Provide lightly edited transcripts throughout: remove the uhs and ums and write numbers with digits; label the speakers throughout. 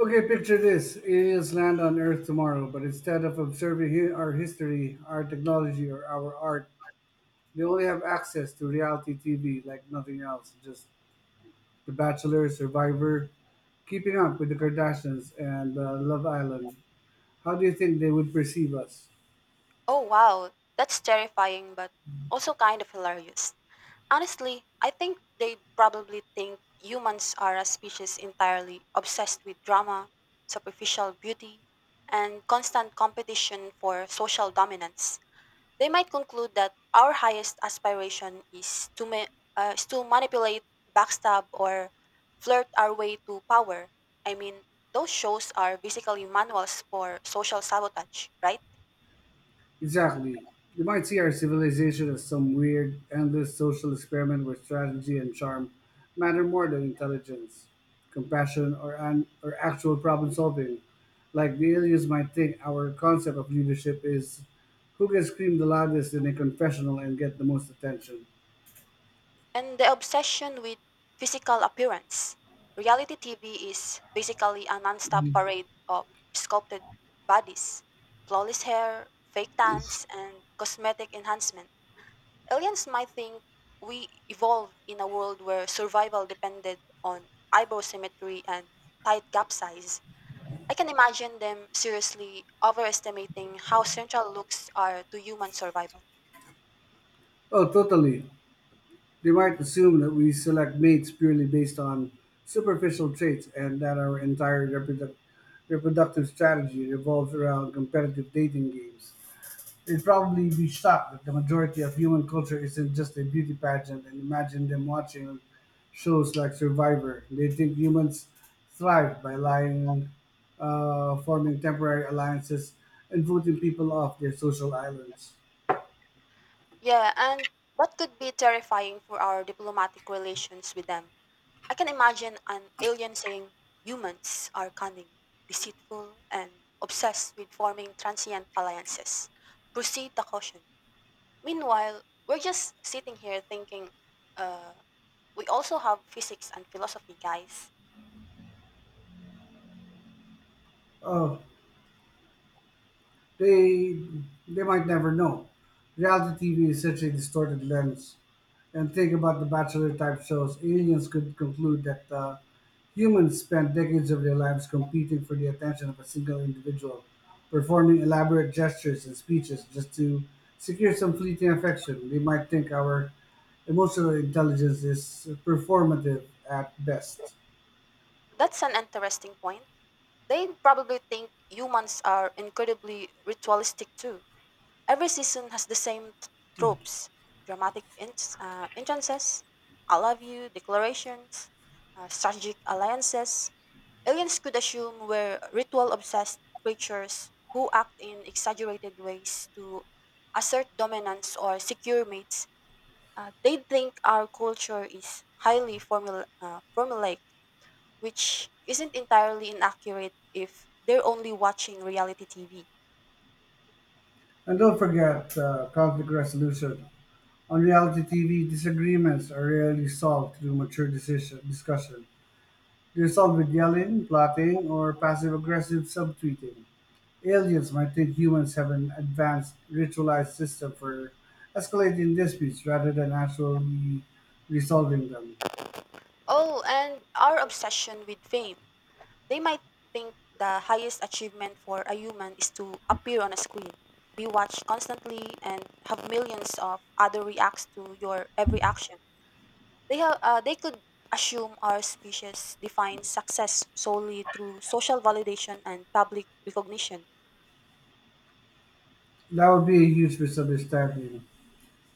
Speaker 1: Okay, picture this. Aliens land on Earth tomorrow, but instead of observing our history, our technology, or our art, they only have access to reality TV like nothing else. Just The Bachelor, Survivor, Keeping Up with the Kardashians, and Love Island. How do you think they would perceive us?
Speaker 2: Oh wow, that's terrifying but also kind of hilarious. Honestly, I think they probably think humans are a species entirely obsessed with drama, superficial beauty, and constant competition for social dominance. They might conclude that our highest aspiration is to manipulate, backstab, or flirt our way to power. I mean, those shows are basically manuals for social sabotage, right?
Speaker 1: Exactly. You might see our civilization as some weird, endless social experiment where strategy and charm matter more than intelligence, compassion, or actual problem solving. Like the aliens might think our concept of leadership is who can scream the loudest in a confessional and get the most attention.
Speaker 2: And the obsession with physical appearance. Reality TV is basically a non-stop parade of sculpted bodies, flawless hair, fake tans, and cosmetic enhancement. Aliens might think we evolved in a world where survival depended on eyebrow symmetry and tight gap size. I can imagine them seriously overestimating how central looks are to human survival.
Speaker 1: Oh, totally. They might assume that we select mates purely based on superficial traits and that our entire reproductive strategy revolves around competitive dating games. You'd probably be shocked that the majority of human culture isn't just a beauty pageant and imagine them watching shows like Survivor. They think humans thrive by lying, forming temporary alliances, and voting people off their social islands.
Speaker 2: Yeah, and that could be terrifying for our diplomatic relations with them. I can imagine an alien saying humans are cunning, deceitful, and obsessed with forming transient alliances. Proceed the caution. Meanwhile, we're just sitting here thinking, uh, we also have physics and philosophy, guys.
Speaker 1: Oh, they they might never know. Reality TV is such a distorted lens. And think about the Bachelor type shows. Aliens could conclude that humans spent decades of their lives competing for the attention of a single individual, performing elaborate gestures and speeches just to secure some fleeting affection. They might think our emotional intelligence is performative at best.
Speaker 2: That's an interesting point. They probably think humans are incredibly ritualistic too. Every season has the same tropes dramatic entrances, I love you declarations, strategic alliances. Aliens could assume were ritual obsessed creatures who act in exaggerated ways to assert dominance or secure mates. They think our culture is highly formulaic, which isn't entirely inaccurate if they're only watching reality TV.
Speaker 1: And don't forget conflict resolution. On reality TV, disagreements are rarely solved through mature decision discussion. Resolved with yelling, plotting, or passive-aggressive subtweeting, aliens might think humans have an advanced, ritualized system for escalating disputes rather than actually resolving them.
Speaker 2: Oh, and our obsession with fame. They might think the highest achievement for a human is to appear on a screen, be watched constantly, and have millions of other reacts to your every action. They could assume our species defines success solely through social validation and public recognition.
Speaker 1: That would be a huge misunderstanding.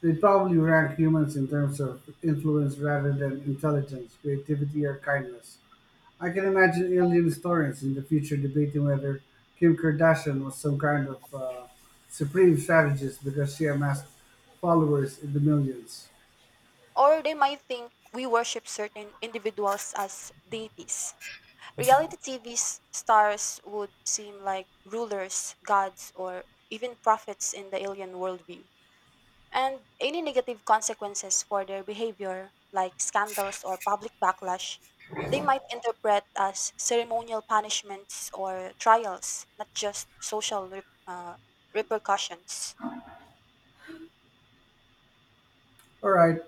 Speaker 1: They'd probably rank humans in terms of influence rather than intelligence, creativity, or kindness. I can imagine alien historians in the future debating whether Kim Kardashian was some kind of supreme strategist because she amassed followers in the millions.
Speaker 2: Or they might think we worship certain individuals as deities. Reality TV 's stars would seem like rulers, gods, or even prophets in the alien worldview. And any negative consequences for their behavior, like scandals or public backlash, they might interpret as ceremonial punishments or trials, not just social repercussions.
Speaker 1: All right,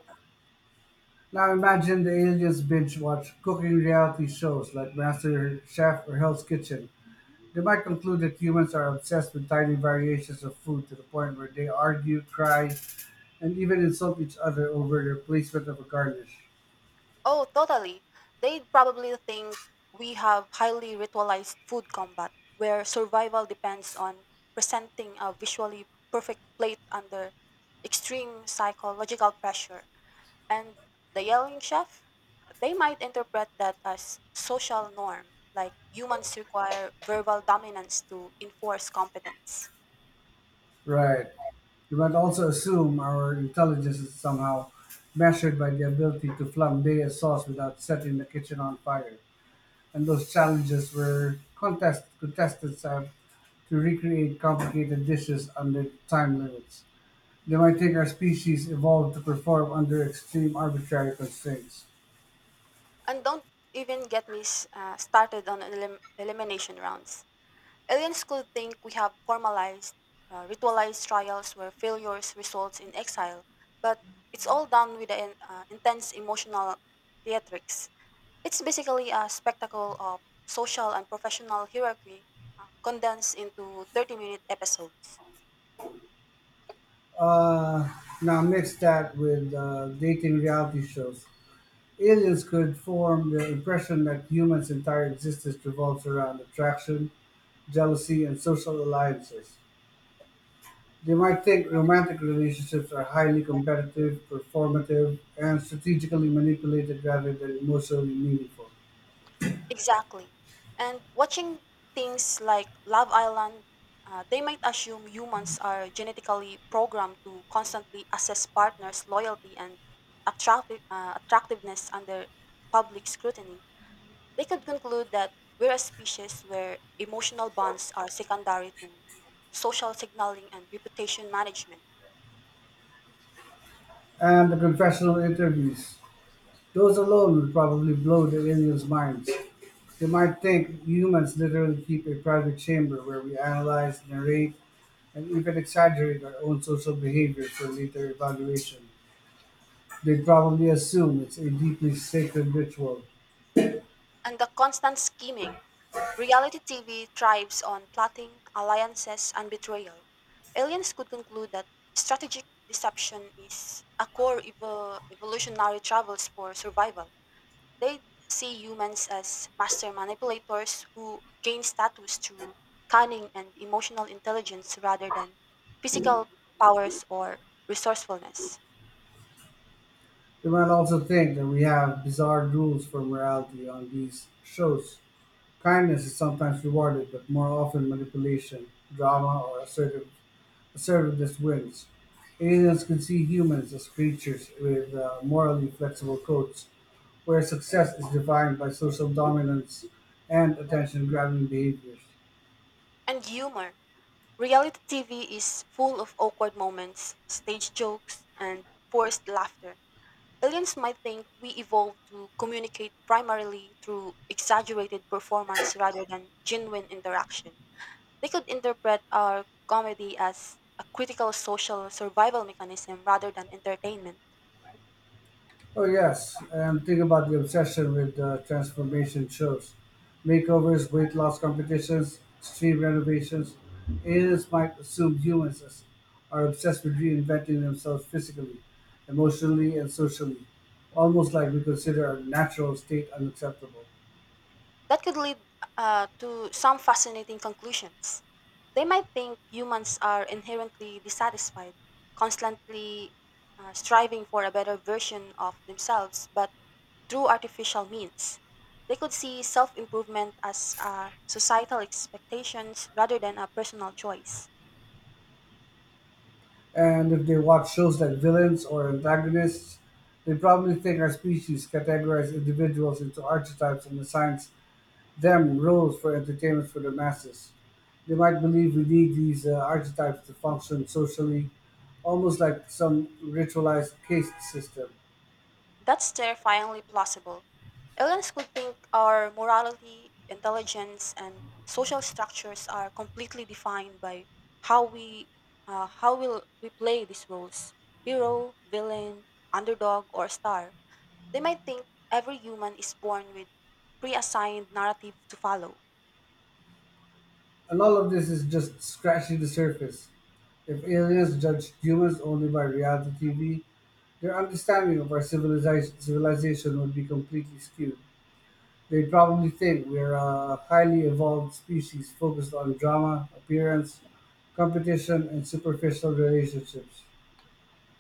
Speaker 1: now imagine the aliens binge watch cooking reality shows like Master Chef or Hell's Kitchen. They might conclude that humans are obsessed with tiny variations of food to the point where they argue, cry, and even insult each other over the placement of a garnish.
Speaker 2: Oh, totally. They probably think we have highly ritualized food combat where survival depends on presenting a visually perfect plate under extreme psychological pressure. And the yelling chef, they might interpret that as social norm, like humans require verbal dominance to enforce competence.
Speaker 1: Right. We might also assume our intelligence is somehow measured by the ability to flambe a sauce without setting the kitchen on fire. And those challenges where contestants have to recreate complicated dishes under time limits. They might think our species evolved to perform under extreme arbitrary constraints.
Speaker 2: And don't even get me started on elimination rounds. Alien school think we have formalized, ritualized trials where failures results in exile, but it's all done with the intense emotional theatrics. It's basically a spectacle of social and professional hierarchy condensed into 30-minute episodes.
Speaker 1: Uh, Now, mix that with dating reality shows. Aliens could form the impression that humans' entire existence revolves around attraction, jealousy, and social alliances. They might think romantic relationships are highly competitive, performative, and strategically manipulated rather than emotionally meaningful.
Speaker 2: Exactly. And watching things like Love Island, they might assume humans are genetically programmed to constantly assess partners' loyalty and attractiveness under public scrutiny. They could conclude that we're a species where emotional bonds are secondary to social signaling and reputation management.
Speaker 1: And the confessional interviews. Those alone would probably blow the aliens' minds. They might think humans literally keep a private chamber where we analyze, narrate, and even exaggerate our own social behavior for later evaluation. They'd probably assume it's a deeply sacred ritual.
Speaker 2: And the constant scheming. Reality TV thrives on plotting, alliances, and betrayal. Aliens could conclude that strategic deception is a core evolutionary travels for survival. They see humans as master manipulators who gain status through cunning and emotional intelligence rather than physical powers or resourcefulness.
Speaker 1: You might also think that we have bizarre rules for morality on these shows. Kindness is sometimes rewarded, but more often manipulation, drama, assertiveness wins. Aliens can see humans as creatures with morally flexible codes, where success is defined by social dominance and attention grabbing behaviors.
Speaker 2: And humor. Reality TV is full of awkward moments, stage jokes, and forced laughter. Aliens might think we evolved to communicate primarily through exaggerated performance rather than genuine interaction. They could interpret our comedy as a critical social survival mechanism rather than entertainment.
Speaker 1: Oh yes, and think about the obsession with transformation shows, makeovers, weight loss competitions, extreme renovations. Aliens might assume are obsessed with reinventing themselves physically, emotionally, and socially, almost like we consider our natural state unacceptable.
Speaker 2: That could lead to some fascinating conclusions. They might think humans are inherently dissatisfied, constantly striving for a better version of themselves, but through artificial means. They could see self improvement as societal expectations rather than a personal choice.
Speaker 1: And if they watch shows like villains or antagonists, they probably think our species categorize individuals into archetypes and assigns them rules for entertainment for the masses. They might believe we need these archetypes to function socially, almost like some ritualized caste system.
Speaker 2: That's terrifyingly plausible. Aliens could think our morality, intelligence, and social structures are completely defined by how we how will we play these roles: hero, villain, underdog, or star. They might think every human is born with pre-assigned narrative to follow,
Speaker 1: And all of this is just scratching the surface. If aliens judged humans only by reality TV, their understanding of our civilization would be completely skewed. They'd probably think we're a highly evolved species focused on drama, appearance, competition, and superficial relationships.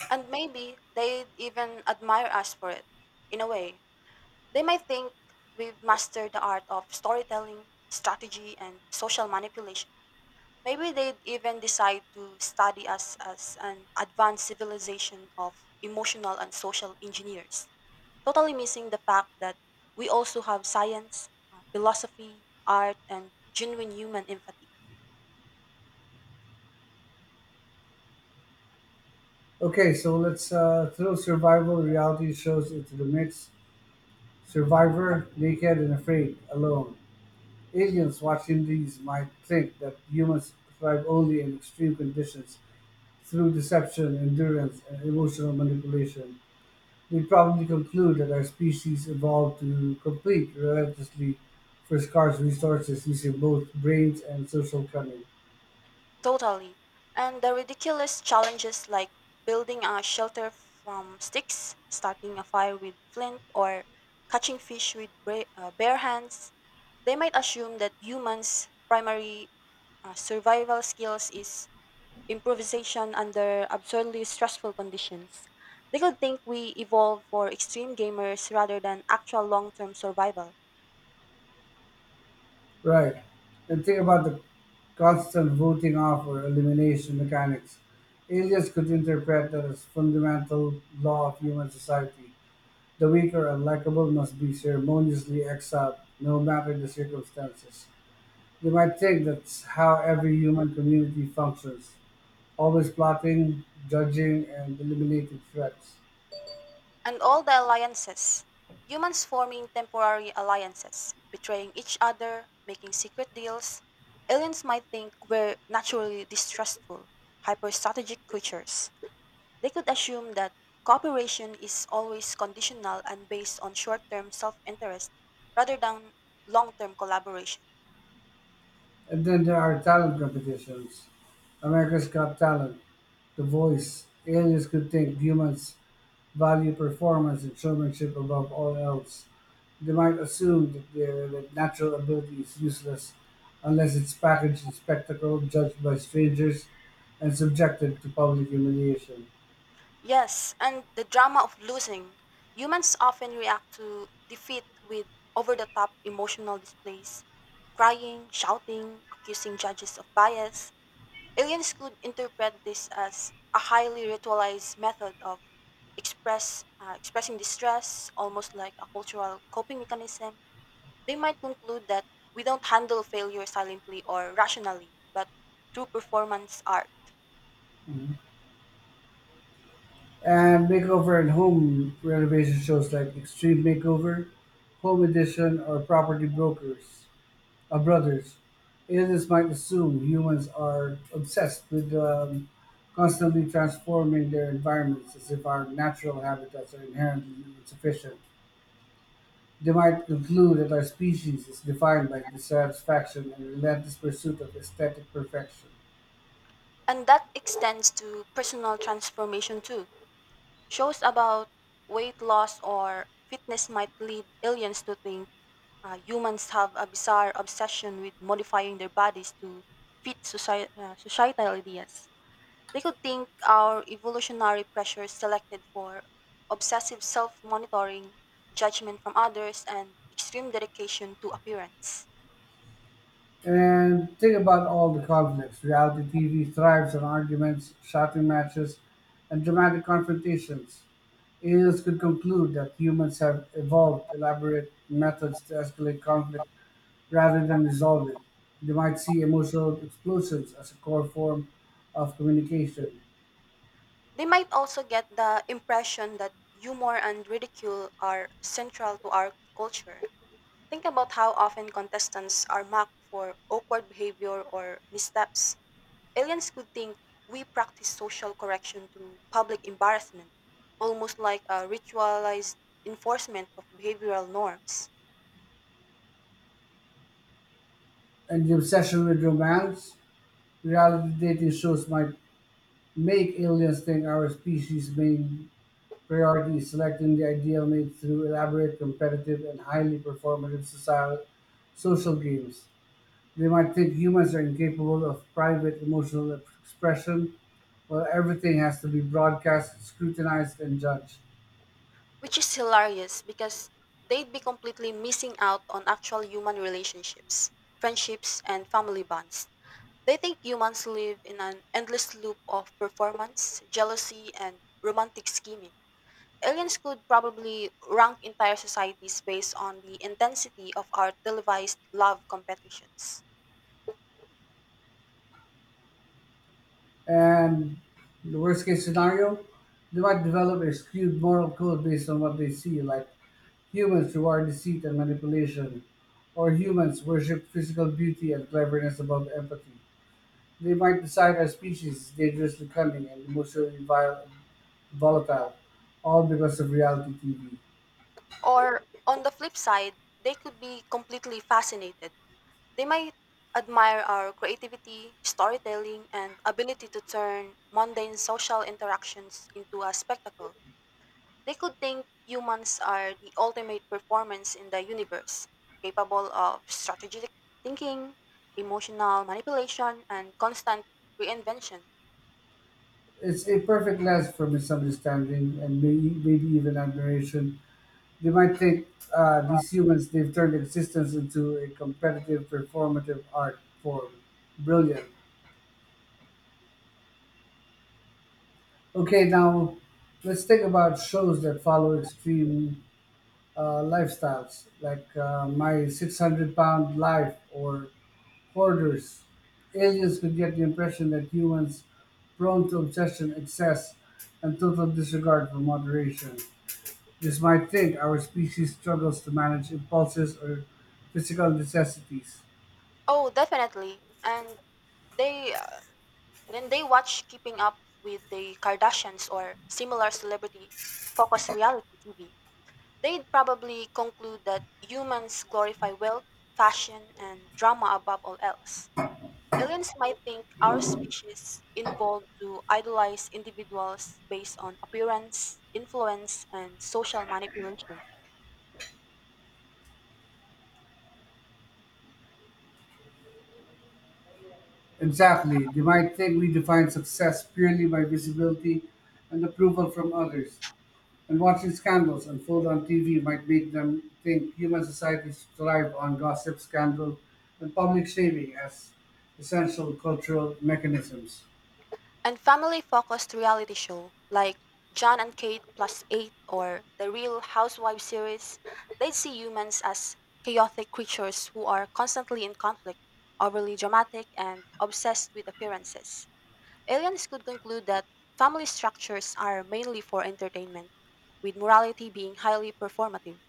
Speaker 2: and maybe they'd even admire us for it. In a way, they might think we've mastered the art of storytelling, strategy, and social manipulation. Maybe they'd even decide to study us as an advanced civilization of emotional and social engineers, totally missing the fact that we also have science, philosophy, art, and genuine human empathy.
Speaker 1: Okay, so let's throw survival reality shows into the mix. Survivor, naked and afraid, alone. Aliens watching these might think that humans thrive only in extreme conditions through deception, endurance, and emotional manipulation. They probably conclude that our species evolved to compete relentlessly for scarce resources using both brains and social cunning.
Speaker 2: Totally. And the ridiculous challenges like building a shelter from sticks, starting a fire with flint, or catching fish with bare hands, they might assume that humans' primary survival skills is improvisation under absurdly stressful conditions. They could think we evolved for extreme gamers rather than actual long term survival.
Speaker 1: Right. And think about the constant voting off or elimination mechanics. Aliens could interpret that as fundamental law of human society. The weak or unlikable must be ceremoniously exiled, no matter the circumstances. They might think that's how every human community functions, always plotting, judging, and eliminating threats.
Speaker 2: And all the alliances humans forming temporary alliances, betraying each other, making secret deals. Aliens might think we're naturally distrustful, hyper strategic creatures. They could assume that cooperation is always conditional and based on short term self interest rather than long term collaboration.
Speaker 1: And then there are talent competitions. America's Got Talent, The Voice. Aliens could think humans value performance and showmanship above all else. They might assume that, that natural ability is useless unless it's packaged in spectacle, judged by strangers, and subjected to public humiliation.
Speaker 2: Yes, and the drama of losing. Humans often react to defeat with over the top emotional displays, crying, shouting, accusing judges of bias. Aliens could interpret this as a highly ritualized method of expressing distress, almost like a cultural coping mechanism. They might conclude that we don't handle failure silently or rationally, but through performance art.
Speaker 1: Mhm. And makeover and home renovation shows like Extreme Makeover, Home Edition, or Property Brokers are brothers. Aliens might assume humans are obsessed with constantly transforming their environments as if our natural habitats are inherently insufficient. They might conclude that our species is defined by dissatisfaction and relentless pursuit of aesthetic perfection.
Speaker 2: And that extends to personal transformation too. Shows about weight loss or fitness might lead aliens to think humans have a bizarre obsession with modifying their bodies to fit societal ideas. They could think our evolutionary pressures selected for obsessive self monitoring, judgment from others, and extreme dedication to appearance.
Speaker 1: And think about all the conflicts. Reality TV thrives on arguments, shouting matches, and dramatic confrontations. Aliens could conclude that humans have evolved elaborate methods to escalate conflict rather than resolve it. They might see emotional explosions as a core form of communication.
Speaker 2: They might also get the impression that humor and ridicule are central to our culture. Think about how often contestants are mocked for awkward behavior or missteps. Aliens could think we practice social correction through public embarrassment, almost like a ritualized enforcement of behavioral norms,
Speaker 1: And the obsession with romance, reality dating shows might make aliens think our species' main priority is selecting the ideal mate through elaborate, competitive, and highly performative societal social games. They might think humans are incapable of private emotional expression, well, everything has to be broadcast, scrutinized, and judged.
Speaker 2: which is hilarious because they'd be completely missing out on actual human relationships, friendships, and family bonds. They think humans live in an endless loop of performance, jealousy, and romantic scheming. Aliens could probably rank entire societies based on the intensity of our televised love competitions.
Speaker 1: And the worst case scenario, they might develop a skewed moral code based on what they see, like humans reward deceit and manipulation, or humans worship physical beauty and cleverness above empathy. They might decide our species is dangerously cunning and emotionally volatile, all because of reality TV.
Speaker 2: Or on the flip side, they could be completely fascinated. They might admire our creativity, storytelling, and ability to turn mundane social interactions into a spectacle. They could think humans are the ultimate performance in the universe, capable of strategic thinking, emotional manipulation, and constant reinvention.
Speaker 1: It's a perfect lens for misunderstanding and maybe even admiration. They might think these humans, they've turned existence into a competitive, performative art form. Brilliant. Okay, now let's think about shows that follow extreme lifestyles, like My 600 Pound Life or Hoarders. Aliens could get the impression that humans prone to obsession, excess, and total disregard for moderation. This might think our species struggles to manage impulses or physical necessities.
Speaker 2: Oh, definitely. And they then they watch Keeping Up with the Kardashians or similar celebrity focused reality TV. They'd probably conclude that humans glorify wealth, fashion, and drama above all else. Aliens might think our species evolved to idolize individuals based on appearance, influence, and social manipulation.
Speaker 1: Exactly. They might think we define success purely by visibility and approval from others. And watching scandals unfold on TV might make them think human societies thrive on gossip, scandal, and public shaming as essential cultural mechanisms.
Speaker 2: And family focused reality show like John and Kate plus eight or the Real Housewives series, they see humans as chaotic creatures who are constantly in conflict, overly dramatic, and obsessed with appearances. Aliens could conclude that family structures are mainly for entertainment, with morality being highly performative.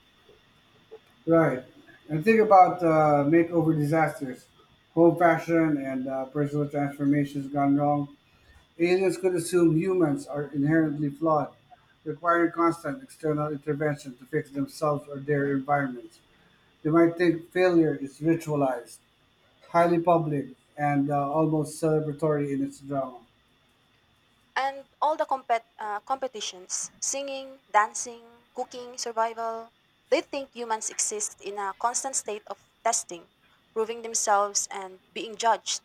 Speaker 1: Right. And think about makeover disasters, home fashion, and personal transformations gone wrong. Aliens could assume humans are inherently flawed, requiring constant external intervention to fix themselves or their environments. They might think failure is ritualized, highly public, and almost celebratory in its drama.
Speaker 2: And all the competitions singing, dancing, cooking, survival they think humans exist in a constant state of testing, proving themselves, and being judged.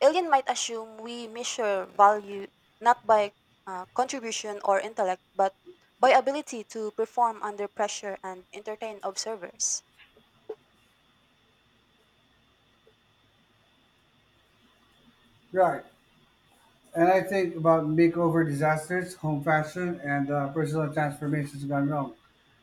Speaker 2: Alien might assume we measure value not by contribution or intellect, but by ability to perform under pressure and entertain observers.
Speaker 1: Right. And I think about makeover disasters, home fashion, and personal transformations gone wrong.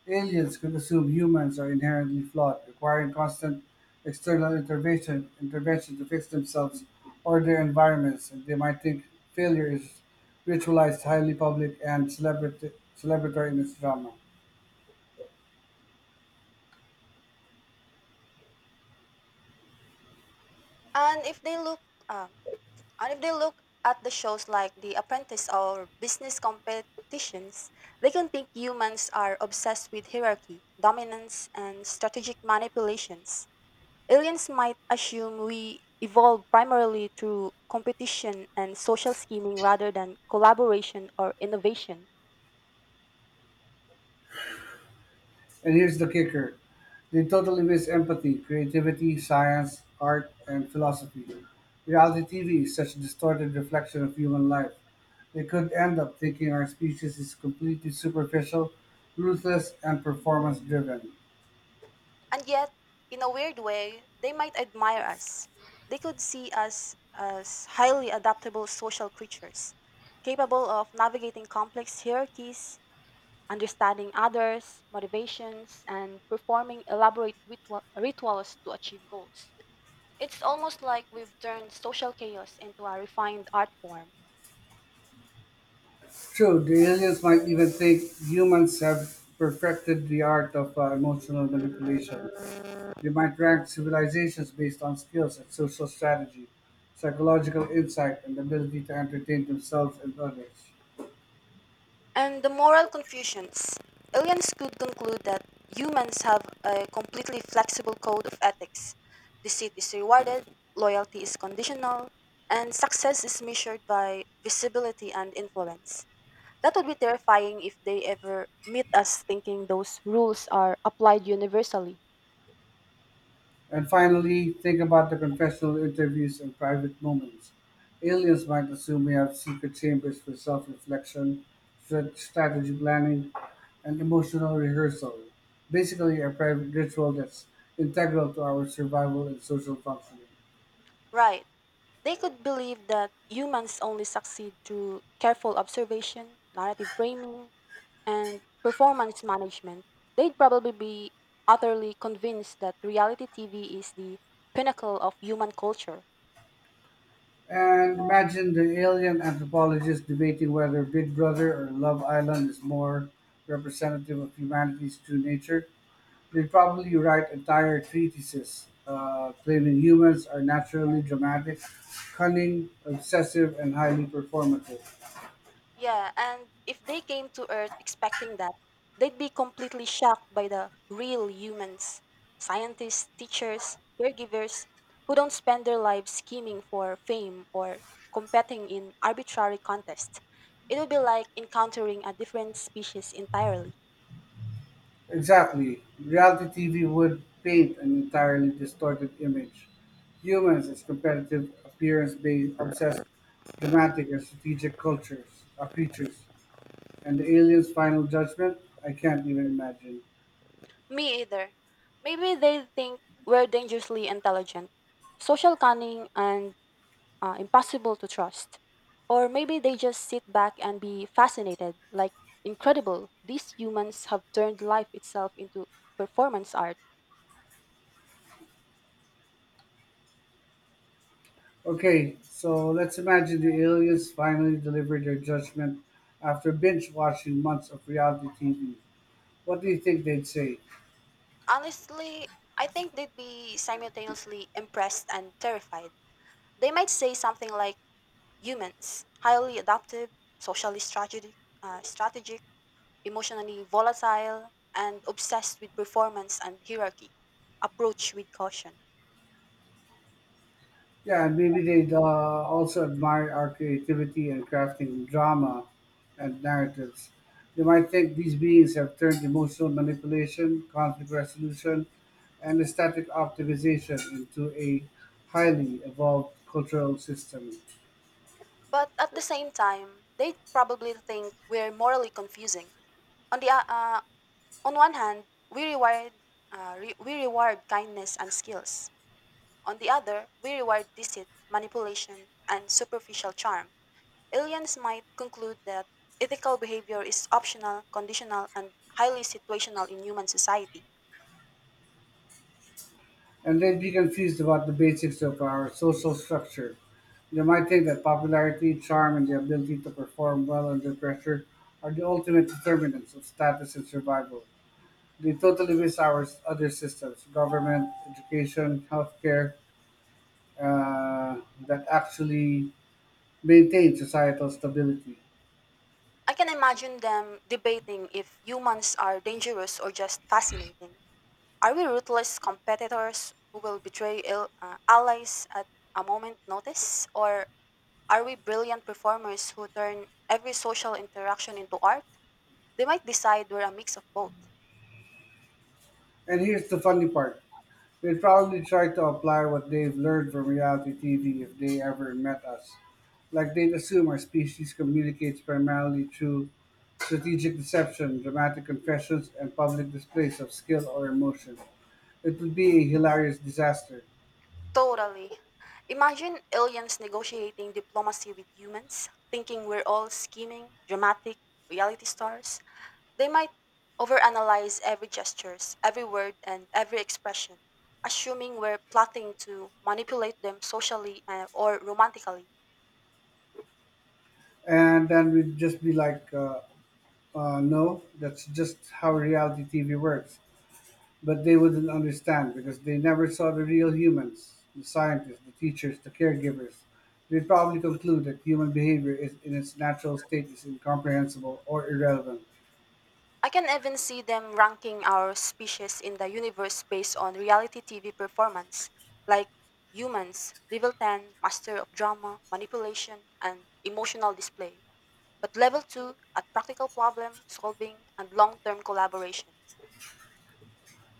Speaker 1: Aliens could assume humans are inherently flawed, requiring constant external intervention to fix themselves or their environments, and they might think failure is ritualized, highly public, and celebratory in its drama.
Speaker 2: And if they look, um, and if they look at the shows like The Apprentice or business competitions, they can think humans are obsessed with hierarchy, dominance, and strategic manipulations. Aliens might assume we evolved primarily through competition and social scheming rather than collaboration or innovation.
Speaker 1: And here's the kicker, they totally miss empathy, creativity, science, art, and philosophy. Reality TV is such a distorted reflection of human life. They could end up thinking our species is completely superficial, ruthless, and performance driven.
Speaker 2: And yet, in a weird way, they might admire us. They could see us as highly adaptable social creatures, capable of navigating complex hierarchies, understanding others' motivations, and performing elaborate rituals to achieve goals. It's almost like we've turned social chaos into a refined art form.
Speaker 1: True, the aliens might even think humans have perfected the art of emotional manipulation. They might rank civilizations based on skills and social strategy, psychological insight, and ability to entertain themselves and others.
Speaker 2: And the moral confusions. Aliens could conclude that humans have a completely flexible code of ethics. Deceit is rewarded, loyalty is conditional, and success is measured by visibility and influence. That would be terrifying if they ever meet us thinking those rules are applied universally.
Speaker 1: And finally, think about the confessional interviews and private moments. Aliens might assume we have secret chambers for self reflection, strategy planning, and emotional rehearsal. Basically, a private ritual that's integral to our survival and social functioning.
Speaker 2: Right. They could believe that humans only succeed through careful observation, narrative framing, and performance management, they'd probably be utterly convinced that reality TV is the pinnacle of human culture.
Speaker 1: And imagine the alien anthropologist debating whether Big Brother or Love Island is more representative of humanity's true nature. They probably write entire treatises claiming humans are naturally dramatic, cunning, obsessive, and highly performative.
Speaker 2: Yeah, and if they came to Earth expecting that, they'd be completely shocked by the real humans, scientists, teachers, caregivers, who don't spend their lives scheming for fame or competing in arbitrary contests. It would be like encountering a different species entirely.
Speaker 1: Exactly. Reality TV would paint an entirely distorted image. Humans as competitive, appearance based, obsessed, dramatic, and strategic cultures, creatures. And the alien's final judgment? I can't even imagine.
Speaker 2: Me either. Maybe they think we're dangerously intelligent. Social cunning and impossible to trust. Or maybe they just sit back and be fascinated, like, incredible, these humans have turned life itself into performance art.
Speaker 1: Okay, so let's imagine the aliens finally delivered their judgment after binge watching months of reality TV. What do you think they'd say?
Speaker 2: Honestly, I think they'd be simultaneously impressed and terrified. They might say something like humans, highly adaptive, socially strategic, strategic, emotionally volatile, and obsessed with performance and hierarchy. Approach with caution.
Speaker 1: Yeah, and maybe they'd also admire our creativity and crafting drama and narratives. They might think these beings have turned emotional manipulation, conflict resolution, and aesthetic optimization into a highly evolved cultural system.
Speaker 2: But at the same time, they probably think we're morally confusing. On the uh, uh, on one hand, we reward we reward kindness and skills. On the other, we reward deceit, manipulation, and superficial charm. Aliens might conclude that ethical behavior is optional, conditional, and highly situational in human society.
Speaker 1: And they'd be confused about the basics of our social structure. They might think that popularity, charm, and the ability to perform well under pressure are the ultimate determinants of status and survival. They totally miss our other systems, government, education, healthcare, uh, that actually maintain societal stability.
Speaker 2: I can imagine them debating if humans are dangerous or just fascinating. Are we ruthless competitors who will betray allies at a moment notice? Or are we brilliant performers who turn every social interaction into art? They might decide we're a mix of both.
Speaker 1: And here's the funny part, they would probably try to apply what they've learned from reality TV if they ever met us. Like they'd assume our species communicates primarily through strategic deception, dramatic confessions, and public displays of skill or emotion. It would be a hilarious disaster.
Speaker 2: Totally. Imagine aliens negotiating diplomacy with humans, thinking we're all scheming, dramatic, reality stars. They might overanalyze every gestures, every word and every expression, assuming we're plotting to manipulate them socially or romantically.
Speaker 1: And then we'd just be like, no, that's just how reality TV works. But they wouldn't understand because they never saw the real humans, the scientists, the teachers, the caregivers. They'd probably conclude that human behavior is, in its natural state is incomprehensible or irrelevant.
Speaker 2: I can even see them ranking our species in the universe based on reality TV performance, like humans, level 10, master of drama, manipulation, and emotional display, but level 2 at practical problem solving and long term collaboration.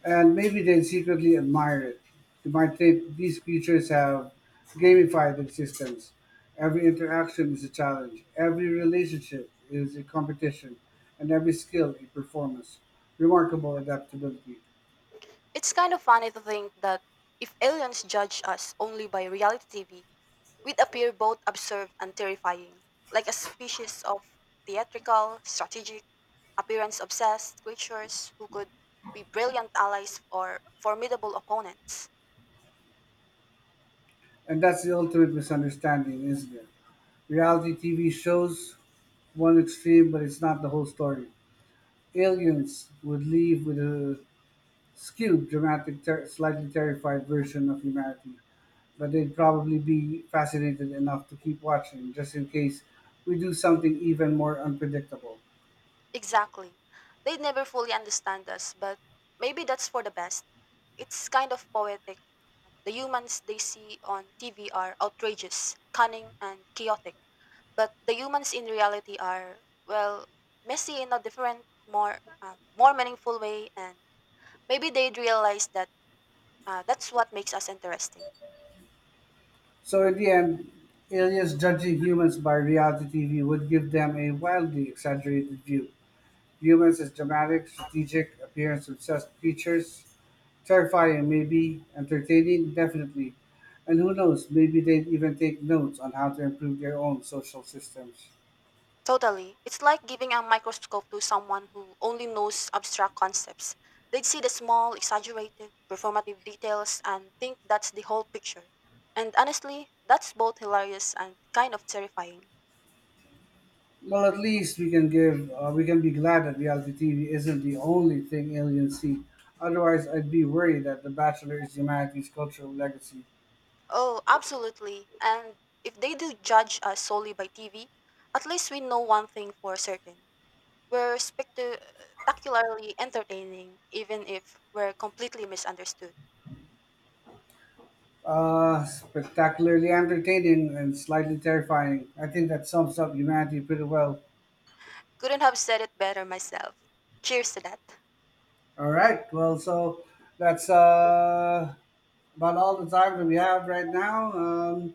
Speaker 1: And maybe they'd secretly admire it. They might think these creatures have gamified existence. Every interaction is a challenge, every relationship is a competition, and every skill a performance. Remarkable adaptability.
Speaker 2: It's kind of funny to think that if aliens judge us only by reality TV, we'd appear both absurd and terrifying, like a species of theatrical, strategic, appearance obsessed creatures who could be brilliant allies or formidable opponents.
Speaker 1: And that's the ultimate misunderstanding, isn't it? Reality TV shows one extreme, but it's not the whole story. Aliens would leave with a skewed, dramatic, slightly terrified version of humanity, but they'd probably be fascinated enough to keep watching just in case we do something even more unpredictable.
Speaker 2: Exactly. They'd never fully understand us, but maybe that's for the best. It's kind of poetic. The humans they see on TV are outrageous, cunning, and chaotic. But the humans in reality are, well, messy in a different, more, more meaningful way, and maybe they'd realize that that's what makes us interesting.
Speaker 1: So, in the end, aliens judging humans by reality TV would give them a wildly exaggerated view. Humans as dramatic, strategic, appearance obsessed creatures. Terrifying, maybe, entertaining, definitely. And who knows, maybe they'd even take notes on how to improve their own social systems.
Speaker 2: Totally. It's like giving a microscope to someone who only knows abstract concepts. They'd see the small, exaggerated, performative details and think that's the whole picture. And honestly, that's both hilarious and kind of terrifying.
Speaker 1: Well, at least we can we can be glad that reality TV isn't the only thing aliens see. Otherwise, I'd be worried that The Bachelor is humanity's cultural legacy.
Speaker 2: Oh, absolutely. And if they do judge us solely by TV, at least we know one thing for certain. We're spectacularly entertaining, even if we're completely misunderstood.
Speaker 1: Spectacularly entertaining and slightly terrifying. I think that sums up humanity pretty well.
Speaker 2: Couldn't have said it better myself. Cheers to that.
Speaker 1: All right. Well, so that's about all the time that we have right now. Um,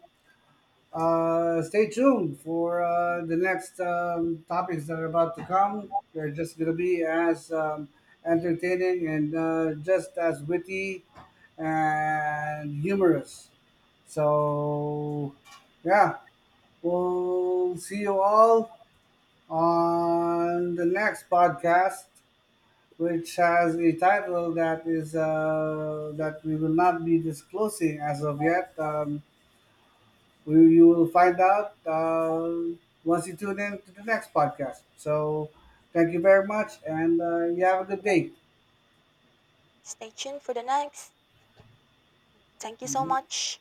Speaker 1: Uh, Stay tuned for the next topics that are about to come. They're just going to be as entertaining and just as witty and humorous. So, yeah, we'll see you all on the next podcast, which has a title that is that we will not be disclosing as of yet. You will find out once you tune in to the next podcast. So, thank you very much, and you have a good day.
Speaker 2: Stay tuned for the next. Thank you so
Speaker 1: Mm-hmm.
Speaker 2: much.